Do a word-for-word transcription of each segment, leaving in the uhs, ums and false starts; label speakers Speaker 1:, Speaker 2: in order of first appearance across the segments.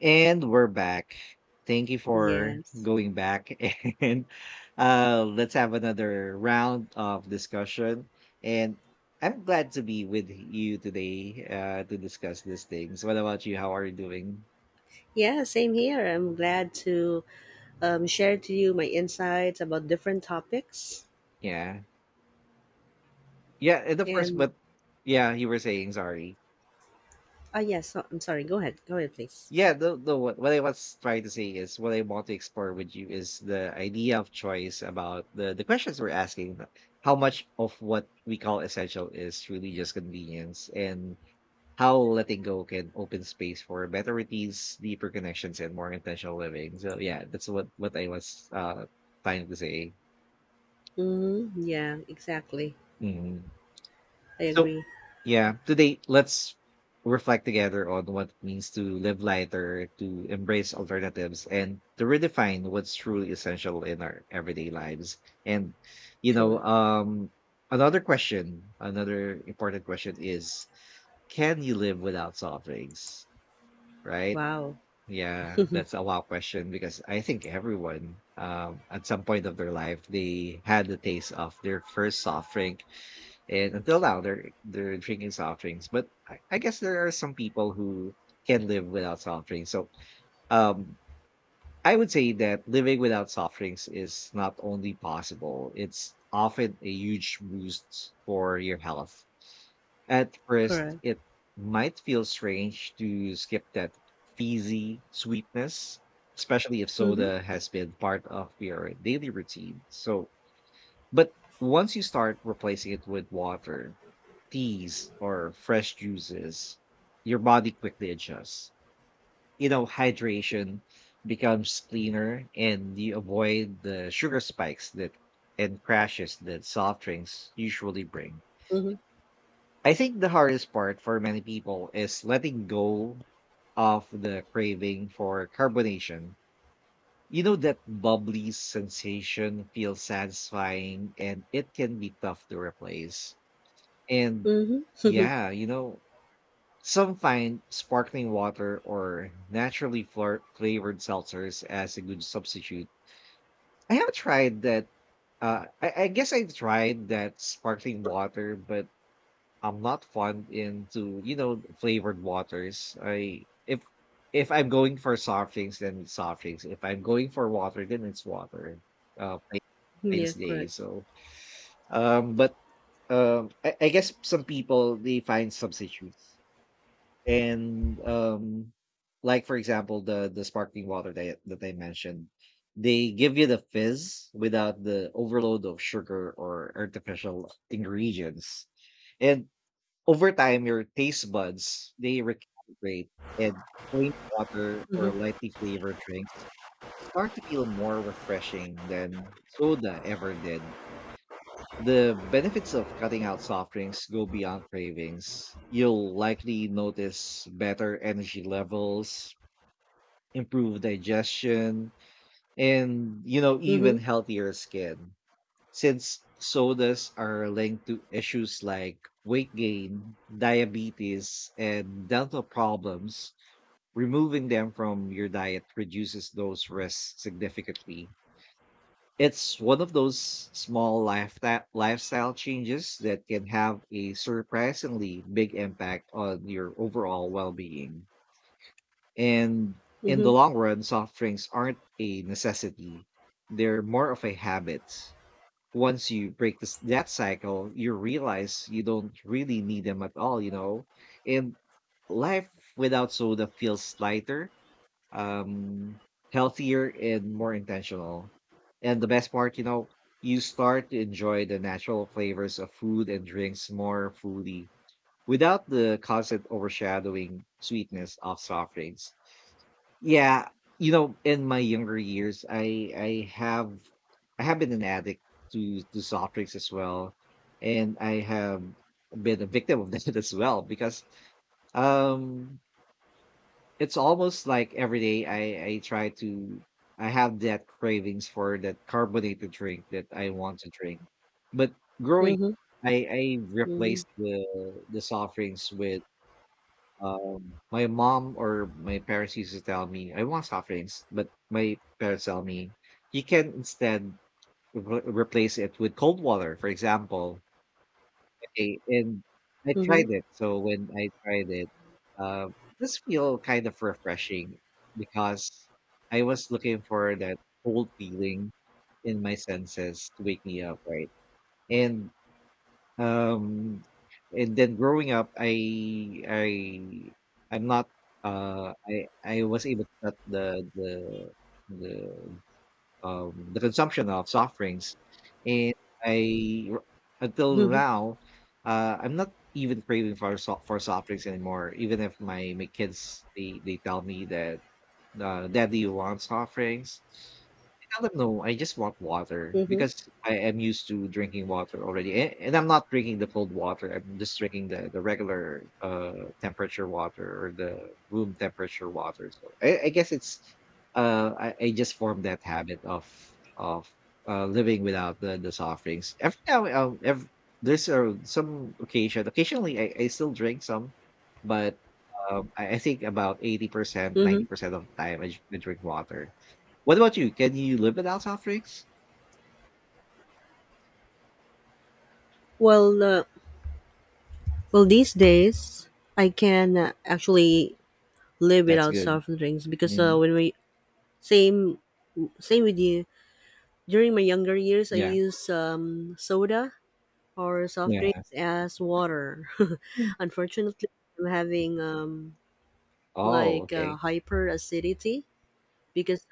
Speaker 1: And we're back. Thank you for
Speaker 2: Yes.
Speaker 1: going back and uh let's have another round of discussion. And I'm glad to be with you today uh to discuss these things. What about you? How are you doing?
Speaker 2: Yeah, same here. I'm glad to um, share to you my insights about different topics.
Speaker 1: Yeah. Yeah, and of course,
Speaker 2: And,
Speaker 1: but yeah, you were saying sorry.
Speaker 2: ah, yes, so- I'm sorry. Go ahead. Go ahead, please.
Speaker 1: Yeah, no, no. What, what I was trying to say is what I want to explore with you is the idea of choice about the the questions we're asking. uh, How much of what we call essential is really just convenience, and how letting go can open space for better routines, deeper connections, and more intentional living. So yeah, that's what what I was uh trying to say.
Speaker 2: Mm-hmm. Yeah, exactly.
Speaker 1: Mm-hmm.
Speaker 2: I
Speaker 1: So,
Speaker 2: agree.
Speaker 1: yeah, today let's reflect together on what it means to live lighter, to embrace alternatives, and to redefine what's truly essential in our everyday lives. And, you know,
Speaker 2: Correct.
Speaker 1: um, another question, another important question is can you live without soft drinks? Right?
Speaker 2: Wow.
Speaker 1: Yeah, that's a wow question because I think everyone um, at some point of their life they had the taste of their first soft drink, and until now, they're they're drinking soft drinks. But I, I guess there are some people who can live without soft drinks. So um, I would say that living without soft drinks is not only possible; it's often a huge boost for your health. At first,
Speaker 2: Correct.
Speaker 1: it might feel strange to skip that fizzy sweetness, especially if
Speaker 2: Mm-hmm.
Speaker 1: soda has been part of your daily routine. So but once you start replacing it with water, teas, or fresh juices, your body quickly adjusts. You know, hydration becomes cleaner and you avoid the sugar spikes that and crashes that soft drinks usually bring.
Speaker 2: Mm-hmm.
Speaker 1: I think the hardest part for many people is letting go of the craving for carbonation. You know, that bubbly sensation feels satisfying and it can be tough to replace. And
Speaker 2: Mm-hmm.
Speaker 1: yeah, you know, some find sparkling water or naturally flar- flavored seltzers as a good substitute. I have tried that. Uh, I, I guess I tried that sparkling water, but I'm not fond into you know flavored waters. I if if I'm going for soft drinks, then it's soft drinks. If I'm going for water, then it's water. Uh, plain, plain as
Speaker 2: yeah,
Speaker 1: day.
Speaker 2: correct.
Speaker 1: So, um, but um, I, I guess some people they find substitutes and um like for example the the sparkling water that that they mentioned, they give you the fizz without the overload of sugar or artificial ingredients, and over time your taste buds they recalibrate, and plain water or
Speaker 2: Mm-hmm.
Speaker 1: lightly flavored drinks start to feel more refreshing than soda ever did. The benefits of cutting out soft drinks go beyond cravings. You'll likely notice better energy levels, improved digestion, and you know
Speaker 2: Mm-hmm.
Speaker 1: even healthier skin. Since sodas are linked to issues like weight gain, diabetes, and dental problems, removing them from your diet reduces those risks significantly. It's one of those small lifestyle lifestyle changes that can have a surprisingly big impact on your overall well being. And in the
Speaker 2: Mm-hmm.
Speaker 1: long run, soft drinks aren't a necessity, they're more of a habit. Once you break this, that cycle, you realize you don't really need them at all, you know? And life without soda feels lighter, um healthier and more intentional. And the best part, you know, you start to enjoy the natural flavors of food and drinks more fully without the constant overshadowing sweetness of soft drinks. Yeah, you know, in my younger years, I I have I have been an addict to to soft drinks as well, and I have been a victim of that as well because um it's almost like every day I I try to I have that cravings for that carbonated drink that I want to drink. But growing
Speaker 2: Mm-hmm.
Speaker 1: up, I I
Speaker 2: Mm-hmm.
Speaker 1: replaced the the soft drinks with um my mom or my parents used to tell me I want soft drinks, but my parents tell me you can instead re- replace it with cold water, for example. Okay, and I tried it. So when I tried it, uh, this feel kind of refreshing because I was looking for that cold feeling in my senses to wake me up, right? And um, and then growing up, I I I'm not uh I I was able to cut the the the um, the consumption of soft drinks, and I r- until
Speaker 2: Mm-hmm.
Speaker 1: now, uh, I'm not even craving for so- for soft drinks anymore. Even if my my kids they they tell me that the daddy wants offerings. I tell them no, I just want water
Speaker 2: Mm-hmm.
Speaker 1: because I am used to drinking water already. And, and I'm not drinking the cold water. I'm just drinking the, the regular uh temperature water or the room temperature water. So I, I guess it's uh I, I just formed that habit of of uh living without the, the soft drinks. Every now um every, there's uh, some occasion occasionally I, I still drink some, but um, I I think about eighty percent,
Speaker 2: Mm-hmm.
Speaker 1: ninety percent of the time I dr- I drink water. What about you? Can you live without soft drinks?
Speaker 2: Well, uh, well, these days I can uh, actually live
Speaker 1: That's
Speaker 2: without
Speaker 1: good.
Speaker 2: soft drinks because uh,
Speaker 1: Mhm.
Speaker 2: when we... Same, same with you. During my younger years, I
Speaker 1: Yeah.
Speaker 2: used um, soda or soft
Speaker 1: Yeah.
Speaker 2: drinks as water.
Speaker 1: Mm.
Speaker 2: Unfortunately, I'm having um,
Speaker 1: Oh,
Speaker 2: like
Speaker 1: okay.
Speaker 2: uh, hyper acidity because,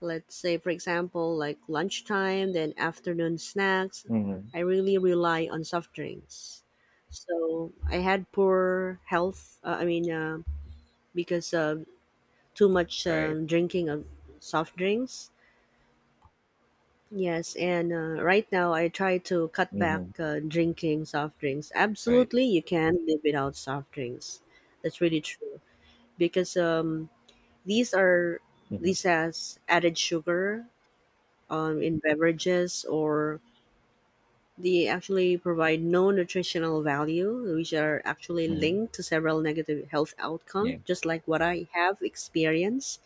Speaker 2: let's say, for example, like lunchtime, then afternoon snacks,
Speaker 1: Mhm.
Speaker 2: I really rely on soft drinks. So I had poor health. Uh, I mean, uh, because of too much
Speaker 1: Right.
Speaker 2: um, drinking of soft drinks. Yes, and uh, right now I try to cut back
Speaker 1: Mhm.
Speaker 2: uh, drinking soft drinks.
Speaker 1: Right.
Speaker 2: Absolutely, you can't live without soft drinks. That's really true because um, these are
Speaker 1: Mhm.
Speaker 2: these has added sugar um, in beverages, or they actually provide no nutritional value, which are actually
Speaker 1: Mhm.
Speaker 2: linked to several negative health outcomes.
Speaker 1: Yeah.
Speaker 2: Just like what I have experienced,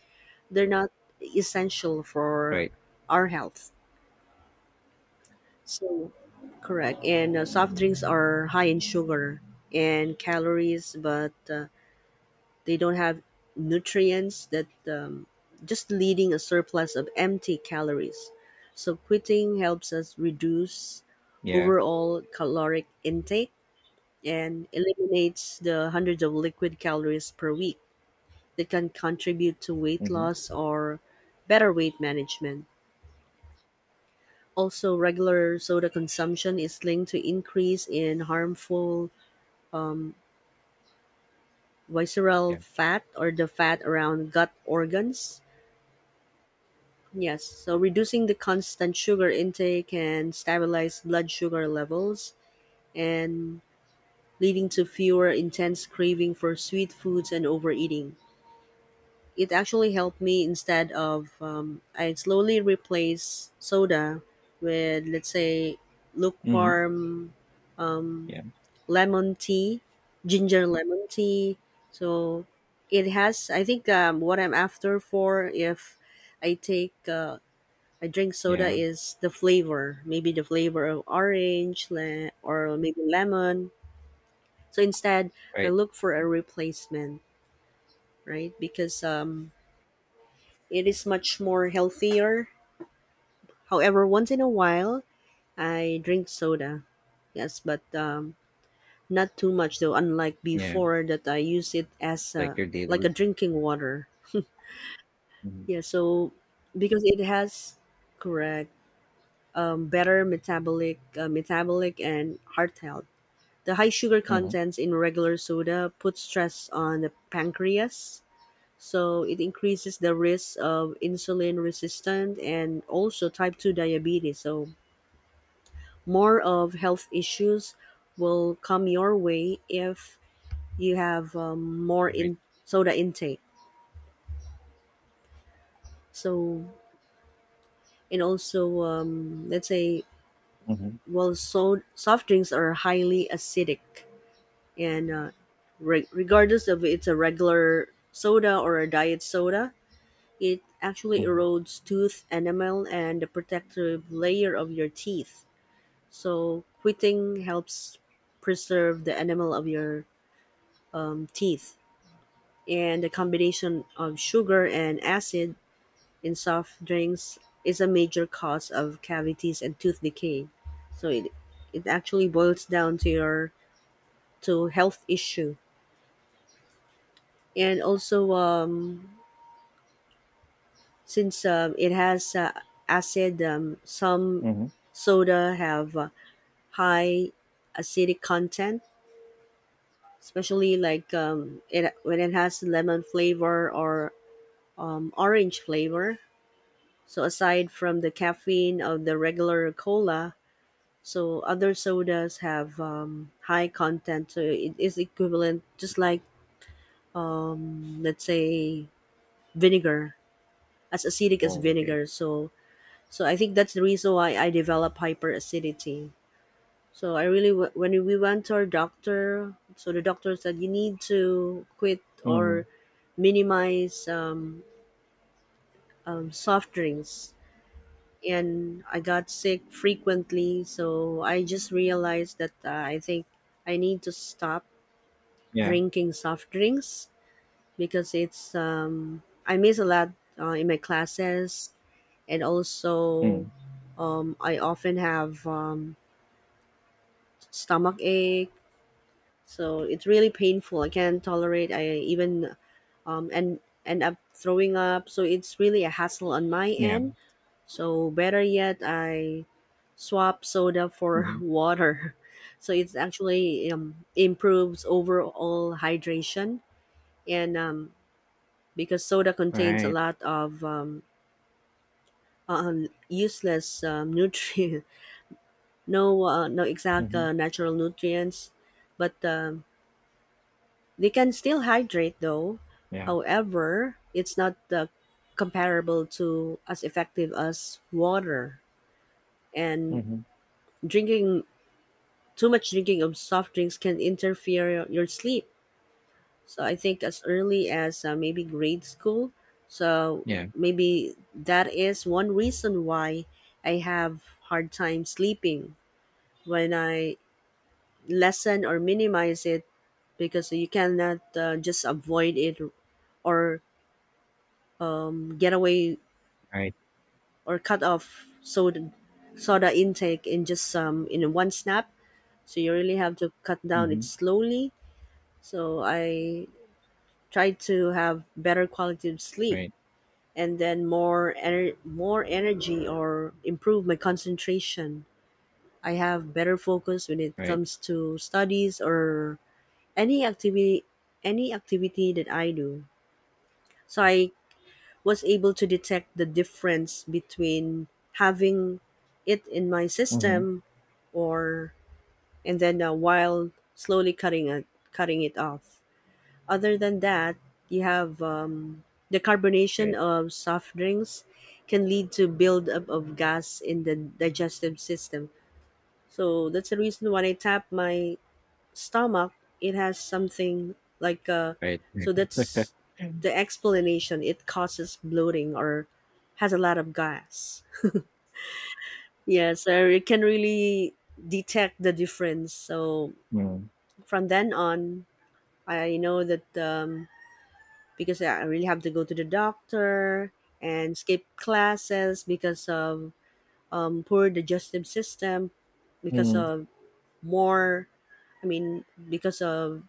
Speaker 2: they're not essential for
Speaker 1: Right.
Speaker 2: our health. So, correct. And uh, soft drinks are high in sugar and calories, but uh, they don't have nutrients that um, just leading a surplus of empty calories. So, quitting helps us reduce
Speaker 1: Yeah.
Speaker 2: overall caloric intake and eliminates the hundreds of liquid calories per week that can contribute to weight
Speaker 1: Mhm.
Speaker 2: loss or better weight management. Also, regular soda consumption is linked to increase in harmful um, visceral
Speaker 1: Yeah.
Speaker 2: fat or the fat around gut organs. Yes, so reducing the constant sugar intake can stabilize blood sugar levels and leading to fewer intense craving for sweet foods and overeating. It actually helped me instead of, um, I slowly replace soda with, let's say,
Speaker 1: Mhm.
Speaker 2: lukewarm
Speaker 1: Yeah.
Speaker 2: lemon tea, ginger lemon tea. So it has, I think, um, what I'm after for, if I take, uh, I drink soda,
Speaker 1: Yeah.
Speaker 2: is the flavor, maybe the flavor of orange le- or maybe lemon. So instead, I
Speaker 1: Right.
Speaker 2: look for a replacement, right? Because um, it is much more healthier. However, once in a while, I drink soda. Yes, but um, not too much though, unlike
Speaker 1: Yeah.
Speaker 2: before that I use it as
Speaker 1: Like
Speaker 2: a,
Speaker 1: your daily
Speaker 2: like a
Speaker 1: routine.
Speaker 2: drinking water.
Speaker 1: Mhm.
Speaker 2: Yeah, so because it has, correct, um, better metabolic uh, metabolic and heart health. The high sugar
Speaker 1: Mhm.
Speaker 2: contents in regular soda puts stress on the pancreas, so it increases the risk of insulin resistant and also type two diabetes. So more of health issues will come your way if you have um, more
Speaker 1: Right.
Speaker 2: in soda intake. So and also, um, let's say,
Speaker 1: Mhm.
Speaker 2: well, so soft drinks are highly acidic, and uh, re- regardless of it's a regular soda or a diet soda, it actually
Speaker 1: Mhm.
Speaker 2: erodes tooth enamel and the protective layer of your teeth. So quitting helps preserve the enamel of your um, teeth, and the combination of sugar and acid in soft drinks is a major cause of cavities and tooth decay. So it it actually boils down to your, to health issue. And also, um, since um, it has uh, acid, um, some
Speaker 1: Mhm.
Speaker 2: soda have uh, high acidic content, especially like, um, it when it has lemon flavor or um, orange flavor. So aside from the caffeine of the regular cola, so other sodas have um, high content, so it is equivalent, just like, um, let's say, vinegar, as acidic as
Speaker 1: Oh, okay.
Speaker 2: vinegar. So so I think that's the reason why I develop hyperacidity. So I really w- when we went to our doctor, so the doctor said you need to quit
Speaker 1: Mhm.
Speaker 2: or minimize um, um, soft drinks. And I got sick frequently, so I just realized that uh, I think I need to stop
Speaker 1: Yeah.
Speaker 2: drinking soft drinks because it's, um, I miss a lot uh, in my classes, and also
Speaker 1: Mhm.
Speaker 2: um, I often have um, stomach ache, so it's really painful, I can't tolerate, I even um, and end up throwing up, so it's really a hassle on my
Speaker 1: Yeah.
Speaker 2: end. So better yet, I swap soda for
Speaker 1: Mhm.
Speaker 2: water, so it's actually, um, improves overall hydration, and um, because soda
Speaker 1: All
Speaker 2: contains a
Speaker 1: right.
Speaker 2: lot of um, um, useless um, nutrient, no, uh, no exact
Speaker 1: Mhm.
Speaker 2: uh, natural nutrients, but um, they can still hydrate though.
Speaker 1: Yeah.
Speaker 2: However, it's not, uh, comparable to, as effective as water, and
Speaker 1: Mhm.
Speaker 2: drinking too much drinking of soft drinks can interfere your sleep. So I think as early as, uh, maybe grade school. So
Speaker 1: Yeah.
Speaker 2: maybe that is one reason why I have hard time sleeping. When I lessen or minimize it, because you cannot uh, just avoid it or um, get away
Speaker 1: All right.
Speaker 2: or cut off soda soda intake in just, um, in one snap. So you really have to cut down it
Speaker 1: Mhm.
Speaker 2: slowly. So I try to have better quality of sleep,
Speaker 1: Right,
Speaker 2: and then more ener- more energy or improve my concentration. I have better focus when it
Speaker 1: right.
Speaker 2: comes to studies or any activity, any activity that I do. So I was able to detect the difference between having it in my
Speaker 1: Mhm.
Speaker 2: system, or and then, uh, while slowly cutting it cutting it off. Other than that, you have, um, the carbonation
Speaker 1: Right,
Speaker 2: of soft drinks can lead to buildup of gas in the digestive system. So that's the reason when I tap my stomach, it has something like, uh, so
Speaker 1: right.
Speaker 2: that's the explanation. It causes bloating or has a lot of gas. Yeah, so it can really detect the difference. So
Speaker 1: Mm. Mm.
Speaker 2: from then on, I know that, um, because I really have to go to the doctor and skip classes because of, um, poor digestive system, because
Speaker 1: Hmm.
Speaker 2: of more, I mean, because of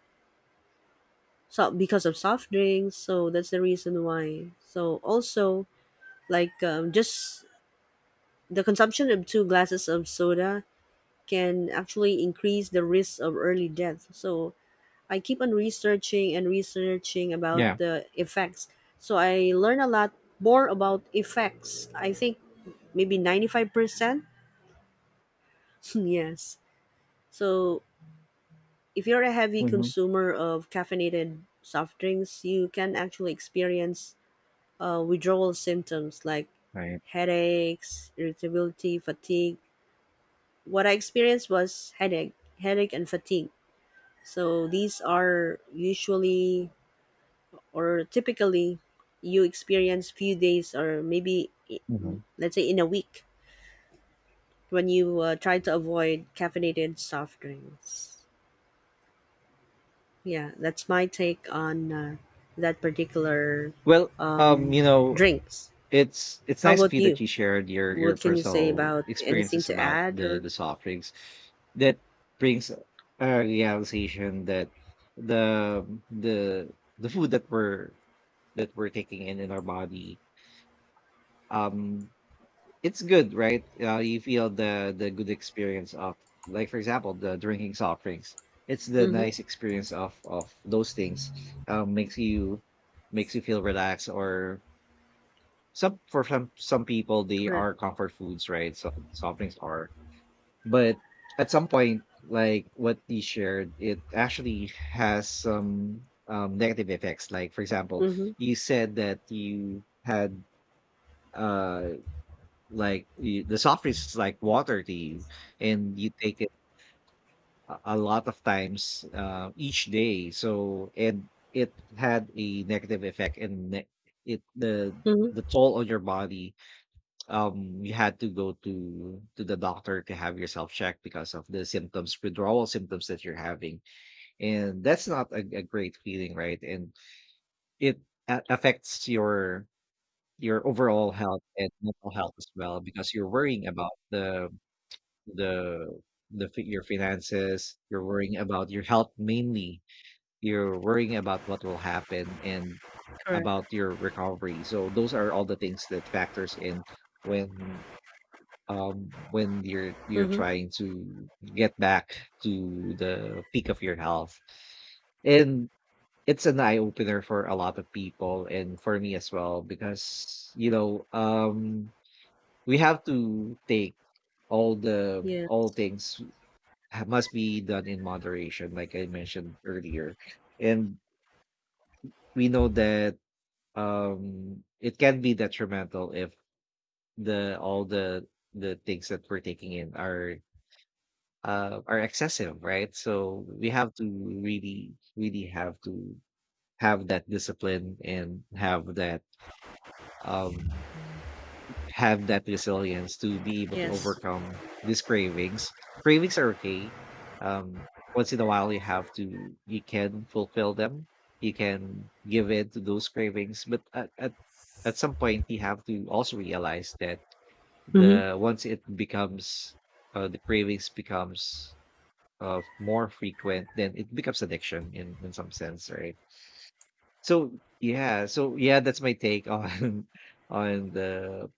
Speaker 2: so because of soft drinks. So that's the reason why. So also, like, um, just the consumption of two glasses of soda can actually increase the risk of early death. So I keep on researching and researching about
Speaker 1: Yeah.
Speaker 2: the effects. So I learn a lot more about effects. I think maybe ninety-five percent. yes. So if you're a heavy
Speaker 1: Mhm.
Speaker 2: consumer of caffeinated soft drinks, you can actually experience uh, withdrawal symptoms like
Speaker 1: Right.
Speaker 2: headaches, irritability, fatigue. What I experienced was headache, headache and fatigue. So these are usually or typically you experience few days, or maybe i- mm,
Speaker 1: Mhm.
Speaker 2: let's say, in a week, when you uh, try to avoid caffeinated soft drinks. Yeah, that's my take on, uh, that particular
Speaker 1: Well, um, you know,
Speaker 2: drinks.
Speaker 1: it's it's
Speaker 2: How
Speaker 1: nice of
Speaker 2: about
Speaker 1: you that
Speaker 2: you?
Speaker 1: you shared your your
Speaker 2: What can you say?
Speaker 1: personal
Speaker 2: About anything
Speaker 1: experiences
Speaker 2: to
Speaker 1: about
Speaker 2: add?
Speaker 1: the
Speaker 2: Or
Speaker 1: the soft drinks. That brings a realization that the the the food that we're that we're taking in in our body, um, it's good, right? Uh, you feel the the good experience of, like for example, the drinking soft drinks. It's the
Speaker 2: mm-hmm.
Speaker 1: nice experience of of those things. Um, makes you makes you feel relaxed. Or some for some some people they
Speaker 2: Correct.
Speaker 1: are comfort foods, right? So soft drinks are, but at some point, like what you shared, it actually has some um, negative effects. Like for example,
Speaker 2: Mm-hmm.
Speaker 1: you said that you had uh like, you the soft drinks is like water to you, and you take it a a lot of times, uh, each day. So and it had a negative effect and ne it the
Speaker 2: Mm-hmm.
Speaker 1: the toll on your body, um, you had to go to to the doctor to have yourself checked because of the symptoms, withdrawal symptoms that you're having, and that's not a a great feeling, right? And it a affects your your overall health and mental health as well because you're worrying about the the the fi- your finances, you're worrying about your health, mainly you're worrying about what will happen and
Speaker 2: Correct.
Speaker 1: about your recovery. So those are all the things that factors in when um when you're you're
Speaker 2: Mm-hmm.
Speaker 1: trying to get back to the peak of your health, and it's an eye opener for a lot of people and for me as well because you know um we have to take all the
Speaker 2: Yeah.
Speaker 1: all things ha- must be done in moderation, like I mentioned earlier. And we know that um, it can be detrimental if the all the the things that we're taking in are uh, are excessive, right? So we have to really, really have to have that discipline and have that um have that resilience to be able to
Speaker 2: Yes.
Speaker 1: overcome these cravings. Cravings are okay. Um, once in a while, you have to, you can fulfill them. You can give in to those cravings, but at, at at some point, you have to also realize that
Speaker 2: Mm-hmm.
Speaker 1: the once it becomes uh, the cravings becomes uh, more frequent, then it becomes addiction in in some sense, right? So yeah, so yeah, that's my take on on the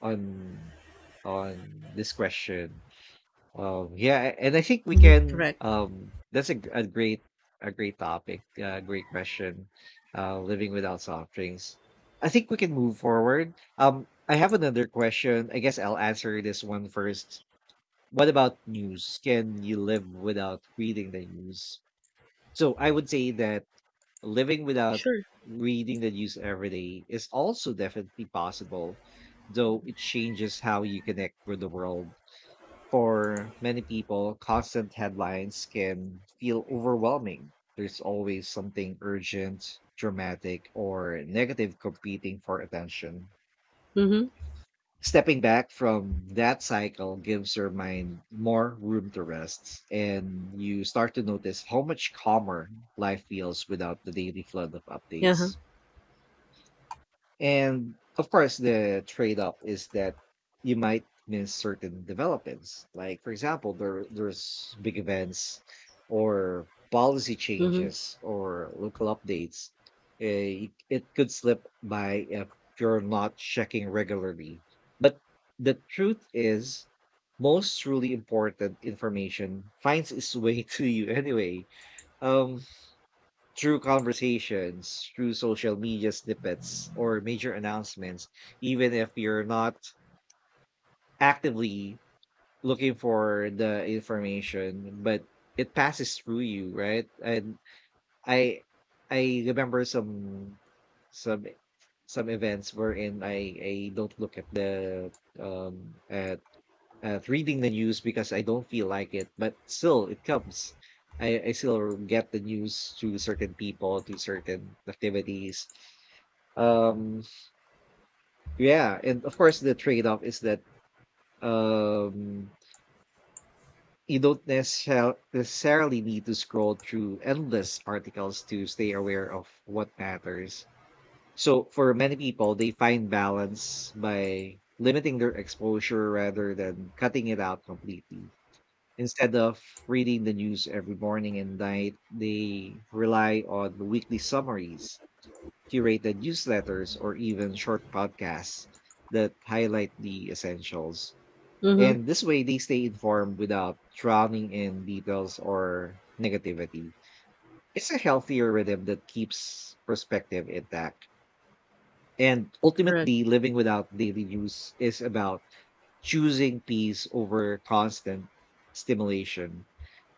Speaker 1: on on this question. Um, yeah, and I think we
Speaker 2: Mm-hmm.
Speaker 1: can.
Speaker 2: Correct.
Speaker 1: Um, that's a, g- a great a great topic. Uh. great question. Uh, living without soft drinks. I think we can move forward. Um, I have another question. I guess I'll answer this one first. What about news? Can you live without reading the news? So I would say that living without
Speaker 2: Sure.
Speaker 1: reading the news every day is also definitely possible, though it changes how you connect with the world. For many people, constant headlines can feel overwhelming. There's always something urgent, dramatic, or negative competing for attention.
Speaker 2: Mm-hmm.
Speaker 1: Stepping back from that cycle gives your mind more room to rest, and you start to notice how much calmer life feels without the daily flood of
Speaker 2: Yeah. Huh?
Speaker 1: updates. And of course, the trade off is that you might miss certain developments. Like, for example, there there's big events or policy
Speaker 2: Mm-hmm.
Speaker 1: changes or local updates. Eh, It it could slip by if you're not checking regularly. But the truth is, most truly important information finds its way to you anyway. Um, through conversations, through social media snippets or major announcements, even if you're not actively looking for the information, but it passes through you, right? And I I remember some some some events wherein I I don't look at the um at at reading the news because I don't feel like it, but still it comes. I, I still get the news through certain people, through certain activities. Um, yeah, and of course the trade-off is that um you don't necessar- necessarily need to scroll through endless articles to stay aware of what matters. So for many people, they find balance by limiting their exposure rather than cutting it out completely. Instead of reading the news every morning and night, they rely on the weekly summaries, curated newsletters, or even short podcasts that highlight the essentials.
Speaker 2: Mm-hmm.
Speaker 1: And this way, they stay informed without drowning in details or negativity. It's a healthier rhythm that keeps perspective intact. And
Speaker 2: Correct.
Speaker 1: ultimately, living without daily news is about choosing peace over constant stimulation.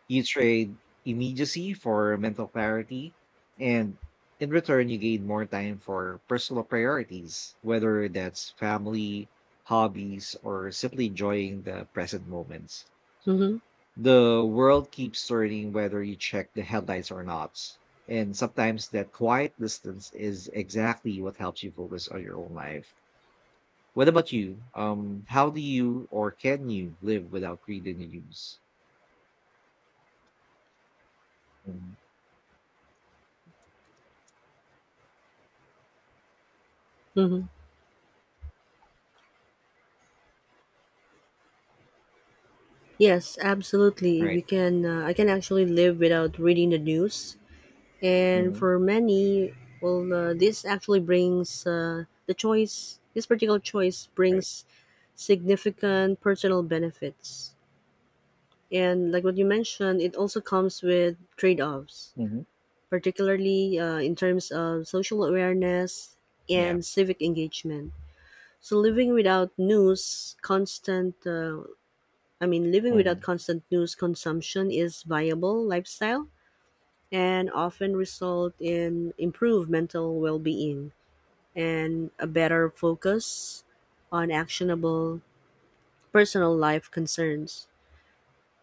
Speaker 1: You trade immediacy for mental clarity, and in return, you gain more time for personal priorities, whether that's family, hobbies, or simply enjoying the present moments.
Speaker 2: Mm-hmm.
Speaker 1: The world keeps turning whether you check the headlights or not. And sometimes that quiet distance is exactly what helps you focus on your own life. What about you? Um, how do you or can you live without reading the news? Mhm.
Speaker 2: Mm-hmm. Yes, absolutely. We
Speaker 1: Right.
Speaker 2: can. Uh, I can actually live without reading the news, and
Speaker 1: hmm
Speaker 2: for many, well, uh, this actually brings, uh, the choice. This particular choice
Speaker 1: Right.
Speaker 2: brings significant personal benefits, and like what you mentioned, it also comes with trade-offs,
Speaker 1: Mhm.
Speaker 2: particularly uh, in terms of social awareness
Speaker 1: Yeah.
Speaker 2: and civic engagement. So living without news, constant uh, I mean, living without
Speaker 1: Mhm.
Speaker 2: constant news consumption is viable lifestyle, and often result in improved mental well-being and a better focus on actionable personal life concerns.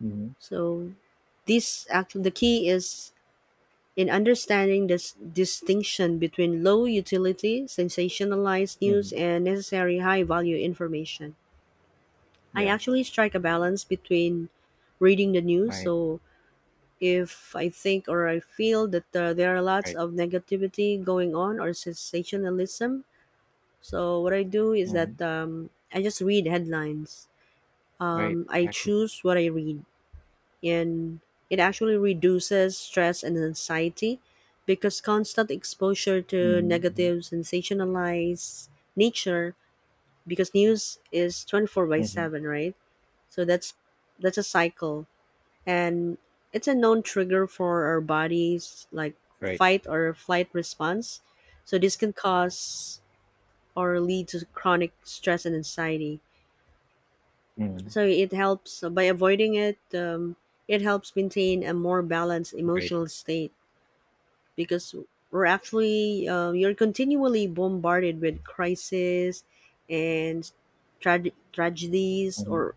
Speaker 1: Mhm.
Speaker 2: So this actually the key is in understanding this distinction between low utility, sensationalized news
Speaker 1: Mhm.
Speaker 2: and necessary high value information. I
Speaker 1: Yeah.
Speaker 2: actually strike a balance between reading the news.
Speaker 1: Right.
Speaker 2: So if I think or I feel that uh, there are lots
Speaker 1: Right.
Speaker 2: of negativity going on or sensationalism, so what I do is
Speaker 1: Mhm.
Speaker 2: that um, I just read headlines.
Speaker 1: Right.
Speaker 2: Um, I
Speaker 1: Exactly.
Speaker 2: choose what I read, and it actually reduces stress and anxiety because constant exposure to
Speaker 1: Mhm. Mhm.
Speaker 2: negative, sensationalized nature, because news is twenty four by
Speaker 1: Mhm.
Speaker 2: seven, right? So that's that's a cycle, and it's a known trigger for our body's, like,
Speaker 1: Right.
Speaker 2: fight or flight response. So this can cause or lead to chronic stress and anxiety.
Speaker 1: Mhm.
Speaker 2: So it helps uh, by avoiding it. Um, it helps maintain a more balanced
Speaker 1: Right.
Speaker 2: emotional state because we're actually uh, you're continually bombarded with crises and trage- tragedies,
Speaker 1: Mhm.
Speaker 2: or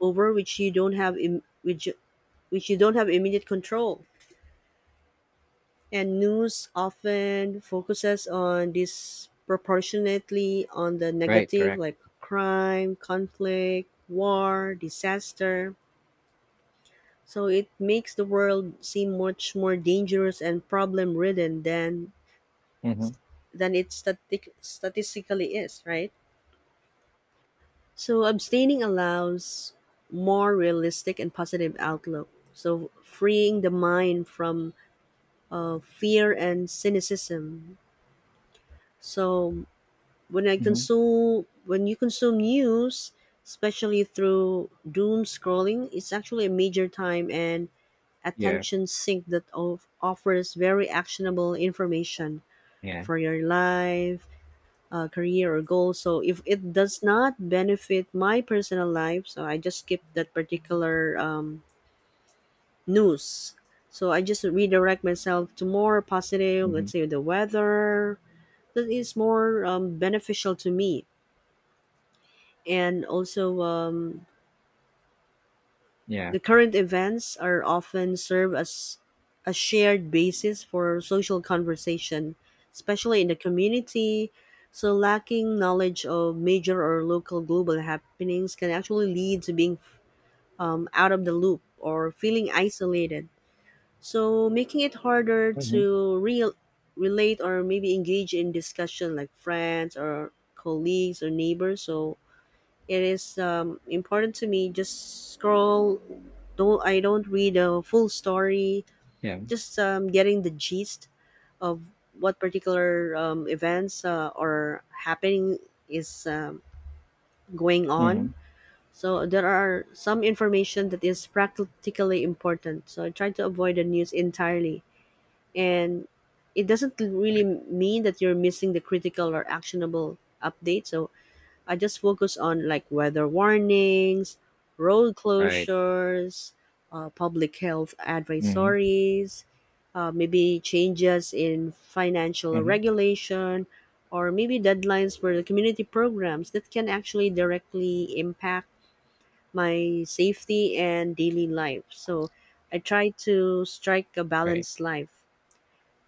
Speaker 2: over which you don't have Im- which which you don't have immediate control. And news often focuses on disproportionately on the
Speaker 1: Right.
Speaker 2: negative,
Speaker 1: Correct.
Speaker 2: like crime, conflict, war, disaster, so it makes the world seem much more dangerous and problem ridden than
Speaker 1: Mhm.
Speaker 2: than it static, statistically is, right? So abstaining allows more realistic and positive outlook, so freeing the mind from uh, fear and cynicism. So when I
Speaker 1: Mhm.
Speaker 2: consume when you consume news, especially through doom scrolling, it's actually a major time and
Speaker 1: Yeah.
Speaker 2: attention sink that of, offers very actionable information
Speaker 1: Yeah.
Speaker 2: for your life, uh, career, or goals. So if it does not benefit my personal life, so I just skip that particular, um, news. So I just redirect myself to more positive,
Speaker 1: Mhm.
Speaker 2: let's say the weather, that is more um, beneficial to me. And also, um,
Speaker 1: Yeah.
Speaker 2: the current events are often serve as a shared basis for social conversation, especially in the community. So, lacking knowledge of major or local global happenings can actually lead to being, um, out of the loop or feeling isolated. So, making it harder
Speaker 1: Mhm.
Speaker 2: to real relate or maybe engage in discussion like friends or colleagues or neighbors. So, it is um, important to me. Just scroll. Don't I don't read the full story.
Speaker 1: Yeah.
Speaker 2: Just, um, getting the gist of what particular um, events uh, are happening is um, going on.
Speaker 1: Mhm.
Speaker 2: So there are some information that is practically important. So I try to avoid the news entirely, and it doesn't really
Speaker 1: Right.
Speaker 2: mean that you're missing the critical or actionable update. So I just focus on like weather warnings, road
Speaker 1: Right.
Speaker 2: closures, uh, public health
Speaker 1: Mhm.
Speaker 2: advisories, uh, maybe changes in financial
Speaker 1: Mhm.
Speaker 2: regulation, or maybe deadlines for the community programs that can actually directly impact my safety and daily life. So I try to strike a
Speaker 1: Right.
Speaker 2: balanced life.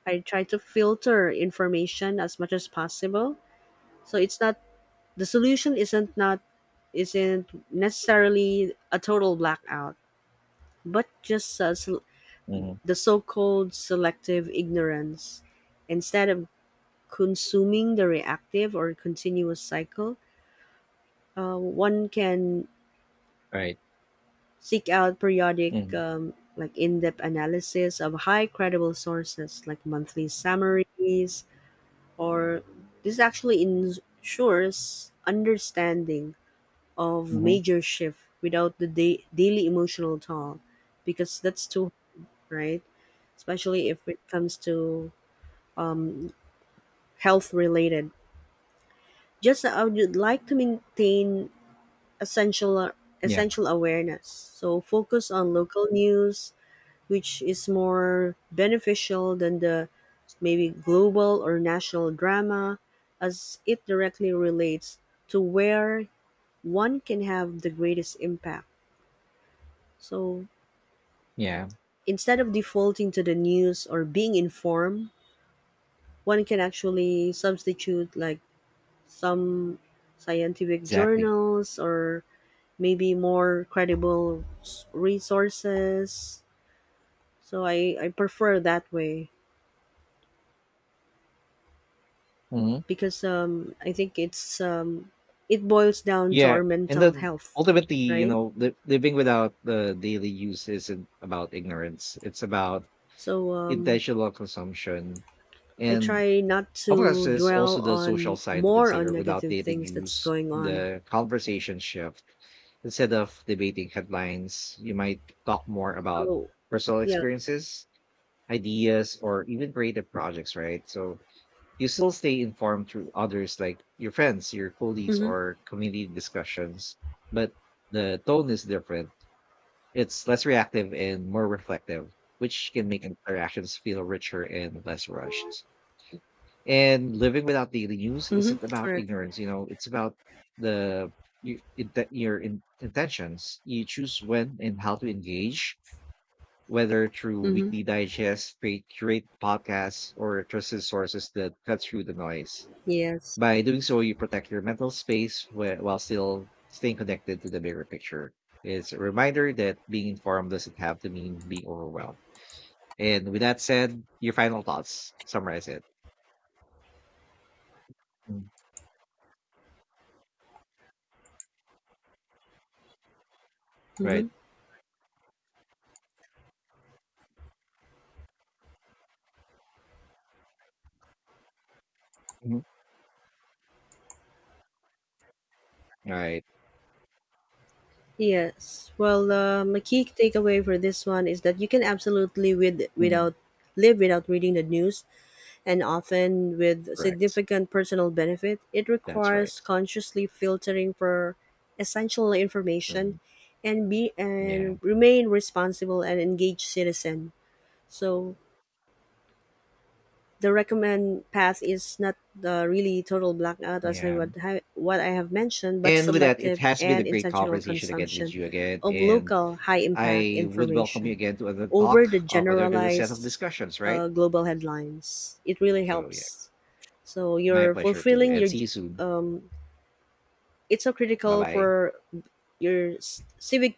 Speaker 2: I try to filter information as much as possible. So it's not the solution isn't not isn't necessarily a total blackout, but just a sel-
Speaker 1: Mhm.
Speaker 2: the so-called selective ignorance. Instead of consuming the reactive or continuous cycle, uh, one can
Speaker 1: Right.
Speaker 2: seek out periodic,
Speaker 1: Mhm.
Speaker 2: um, like in-depth analysis of high credible sources like monthly summaries, or this actually ensures understanding of
Speaker 1: Mhm.
Speaker 2: major shift without the da- daily emotional toll, because that's too hard, right? Especially if it comes to, um, health related. Just I would like to maintain essential
Speaker 1: Yeah.
Speaker 2: essential awareness, so focus on local news, which is more beneficial than the maybe global or national drama, as it directly relates to where one can have the greatest impact. So,
Speaker 1: Yeah.
Speaker 2: instead of defaulting to the news or being informed, one can actually substitute, like some scientific
Speaker 1: Exactly.
Speaker 2: journals or maybe more credible s- resources. So I, I prefer that way
Speaker 1: Mhm.
Speaker 2: because um, I think it's, um, it boils down to
Speaker 1: Yeah.
Speaker 2: our
Speaker 1: And
Speaker 2: mental
Speaker 1: then
Speaker 2: health,
Speaker 1: ultimately, you
Speaker 2: right?
Speaker 1: know, li- living without the daily use isn't about ignorance. It's about
Speaker 2: So, um,
Speaker 1: intentional consumption.
Speaker 2: I
Speaker 1: And
Speaker 2: try not
Speaker 1: of course,
Speaker 2: to
Speaker 1: there's
Speaker 2: dwell
Speaker 1: also the social
Speaker 2: on
Speaker 1: side to
Speaker 2: more on
Speaker 1: consider. Without
Speaker 2: negative
Speaker 1: daily
Speaker 2: things that's
Speaker 1: news,
Speaker 2: going on.
Speaker 1: the conversation shift. Instead of debating headlines, you might talk more about
Speaker 2: So
Speaker 1: personal
Speaker 2: yeah.
Speaker 1: experiences, ideas, or even creative projects, right? So you still stay informed through others like your friends, your colleagues,
Speaker 2: Mhm.
Speaker 1: or community discussions, but the tone is different, it's less reactive and more reflective, which can make interactions feel richer and less rushed. And living without daily news
Speaker 2: Mm-hmm.
Speaker 1: isn't about
Speaker 2: Correct.
Speaker 1: ignorance, you know, it's about the you, it, that your in, intentions. You choose when and how to engage, whether through
Speaker 2: Mm-hmm.
Speaker 1: weekly digests, create, curate podcasts, or trusted sources that cut through the noise.
Speaker 2: Yes.
Speaker 1: By doing so, you protect your mental space whe- while still staying connected to the bigger picture. It's a reminder that being informed doesn't have to mean being overwhelmed. And with that said, your final thoughts summarize it. Mm, Right.
Speaker 2: Mm-hmm.
Speaker 1: mhm, Right.
Speaker 2: Yes. Well, uh, my key takeaway for this one is that you can absolutely with
Speaker 1: mm.
Speaker 2: without live without reading the news, and often with
Speaker 1: Correct.
Speaker 2: significant personal benefit. It
Speaker 1: That's right.
Speaker 2: requires consciously filtering for essential information,
Speaker 1: Um,
Speaker 2: and be
Speaker 1: yeah.
Speaker 2: and remain responsible and engaged citizen. So the recommend path is not the really total blackout, as I
Speaker 1: Yeah.
Speaker 2: would ha- what I have mentioned, but
Speaker 1: And with that, it
Speaker 2: selective
Speaker 1: has been a
Speaker 2: and
Speaker 1: great
Speaker 2: intentional
Speaker 1: conversation again with
Speaker 2: consumption
Speaker 1: you again.
Speaker 2: of
Speaker 1: And
Speaker 2: local high impact
Speaker 1: I would welcome you
Speaker 2: information
Speaker 1: again to another
Speaker 2: over
Speaker 1: talk
Speaker 2: the
Speaker 1: of another set of
Speaker 2: generalized,
Speaker 1: discussions, right?
Speaker 2: uh, global headlines. It really
Speaker 1: So, yeah,
Speaker 2: helps. So
Speaker 1: my
Speaker 2: you're
Speaker 1: pleasure too.
Speaker 2: fulfilling
Speaker 1: And
Speaker 2: your
Speaker 1: see you soon.
Speaker 2: it's so
Speaker 1: Bye
Speaker 2: critical
Speaker 1: bye.
Speaker 2: for your s- civic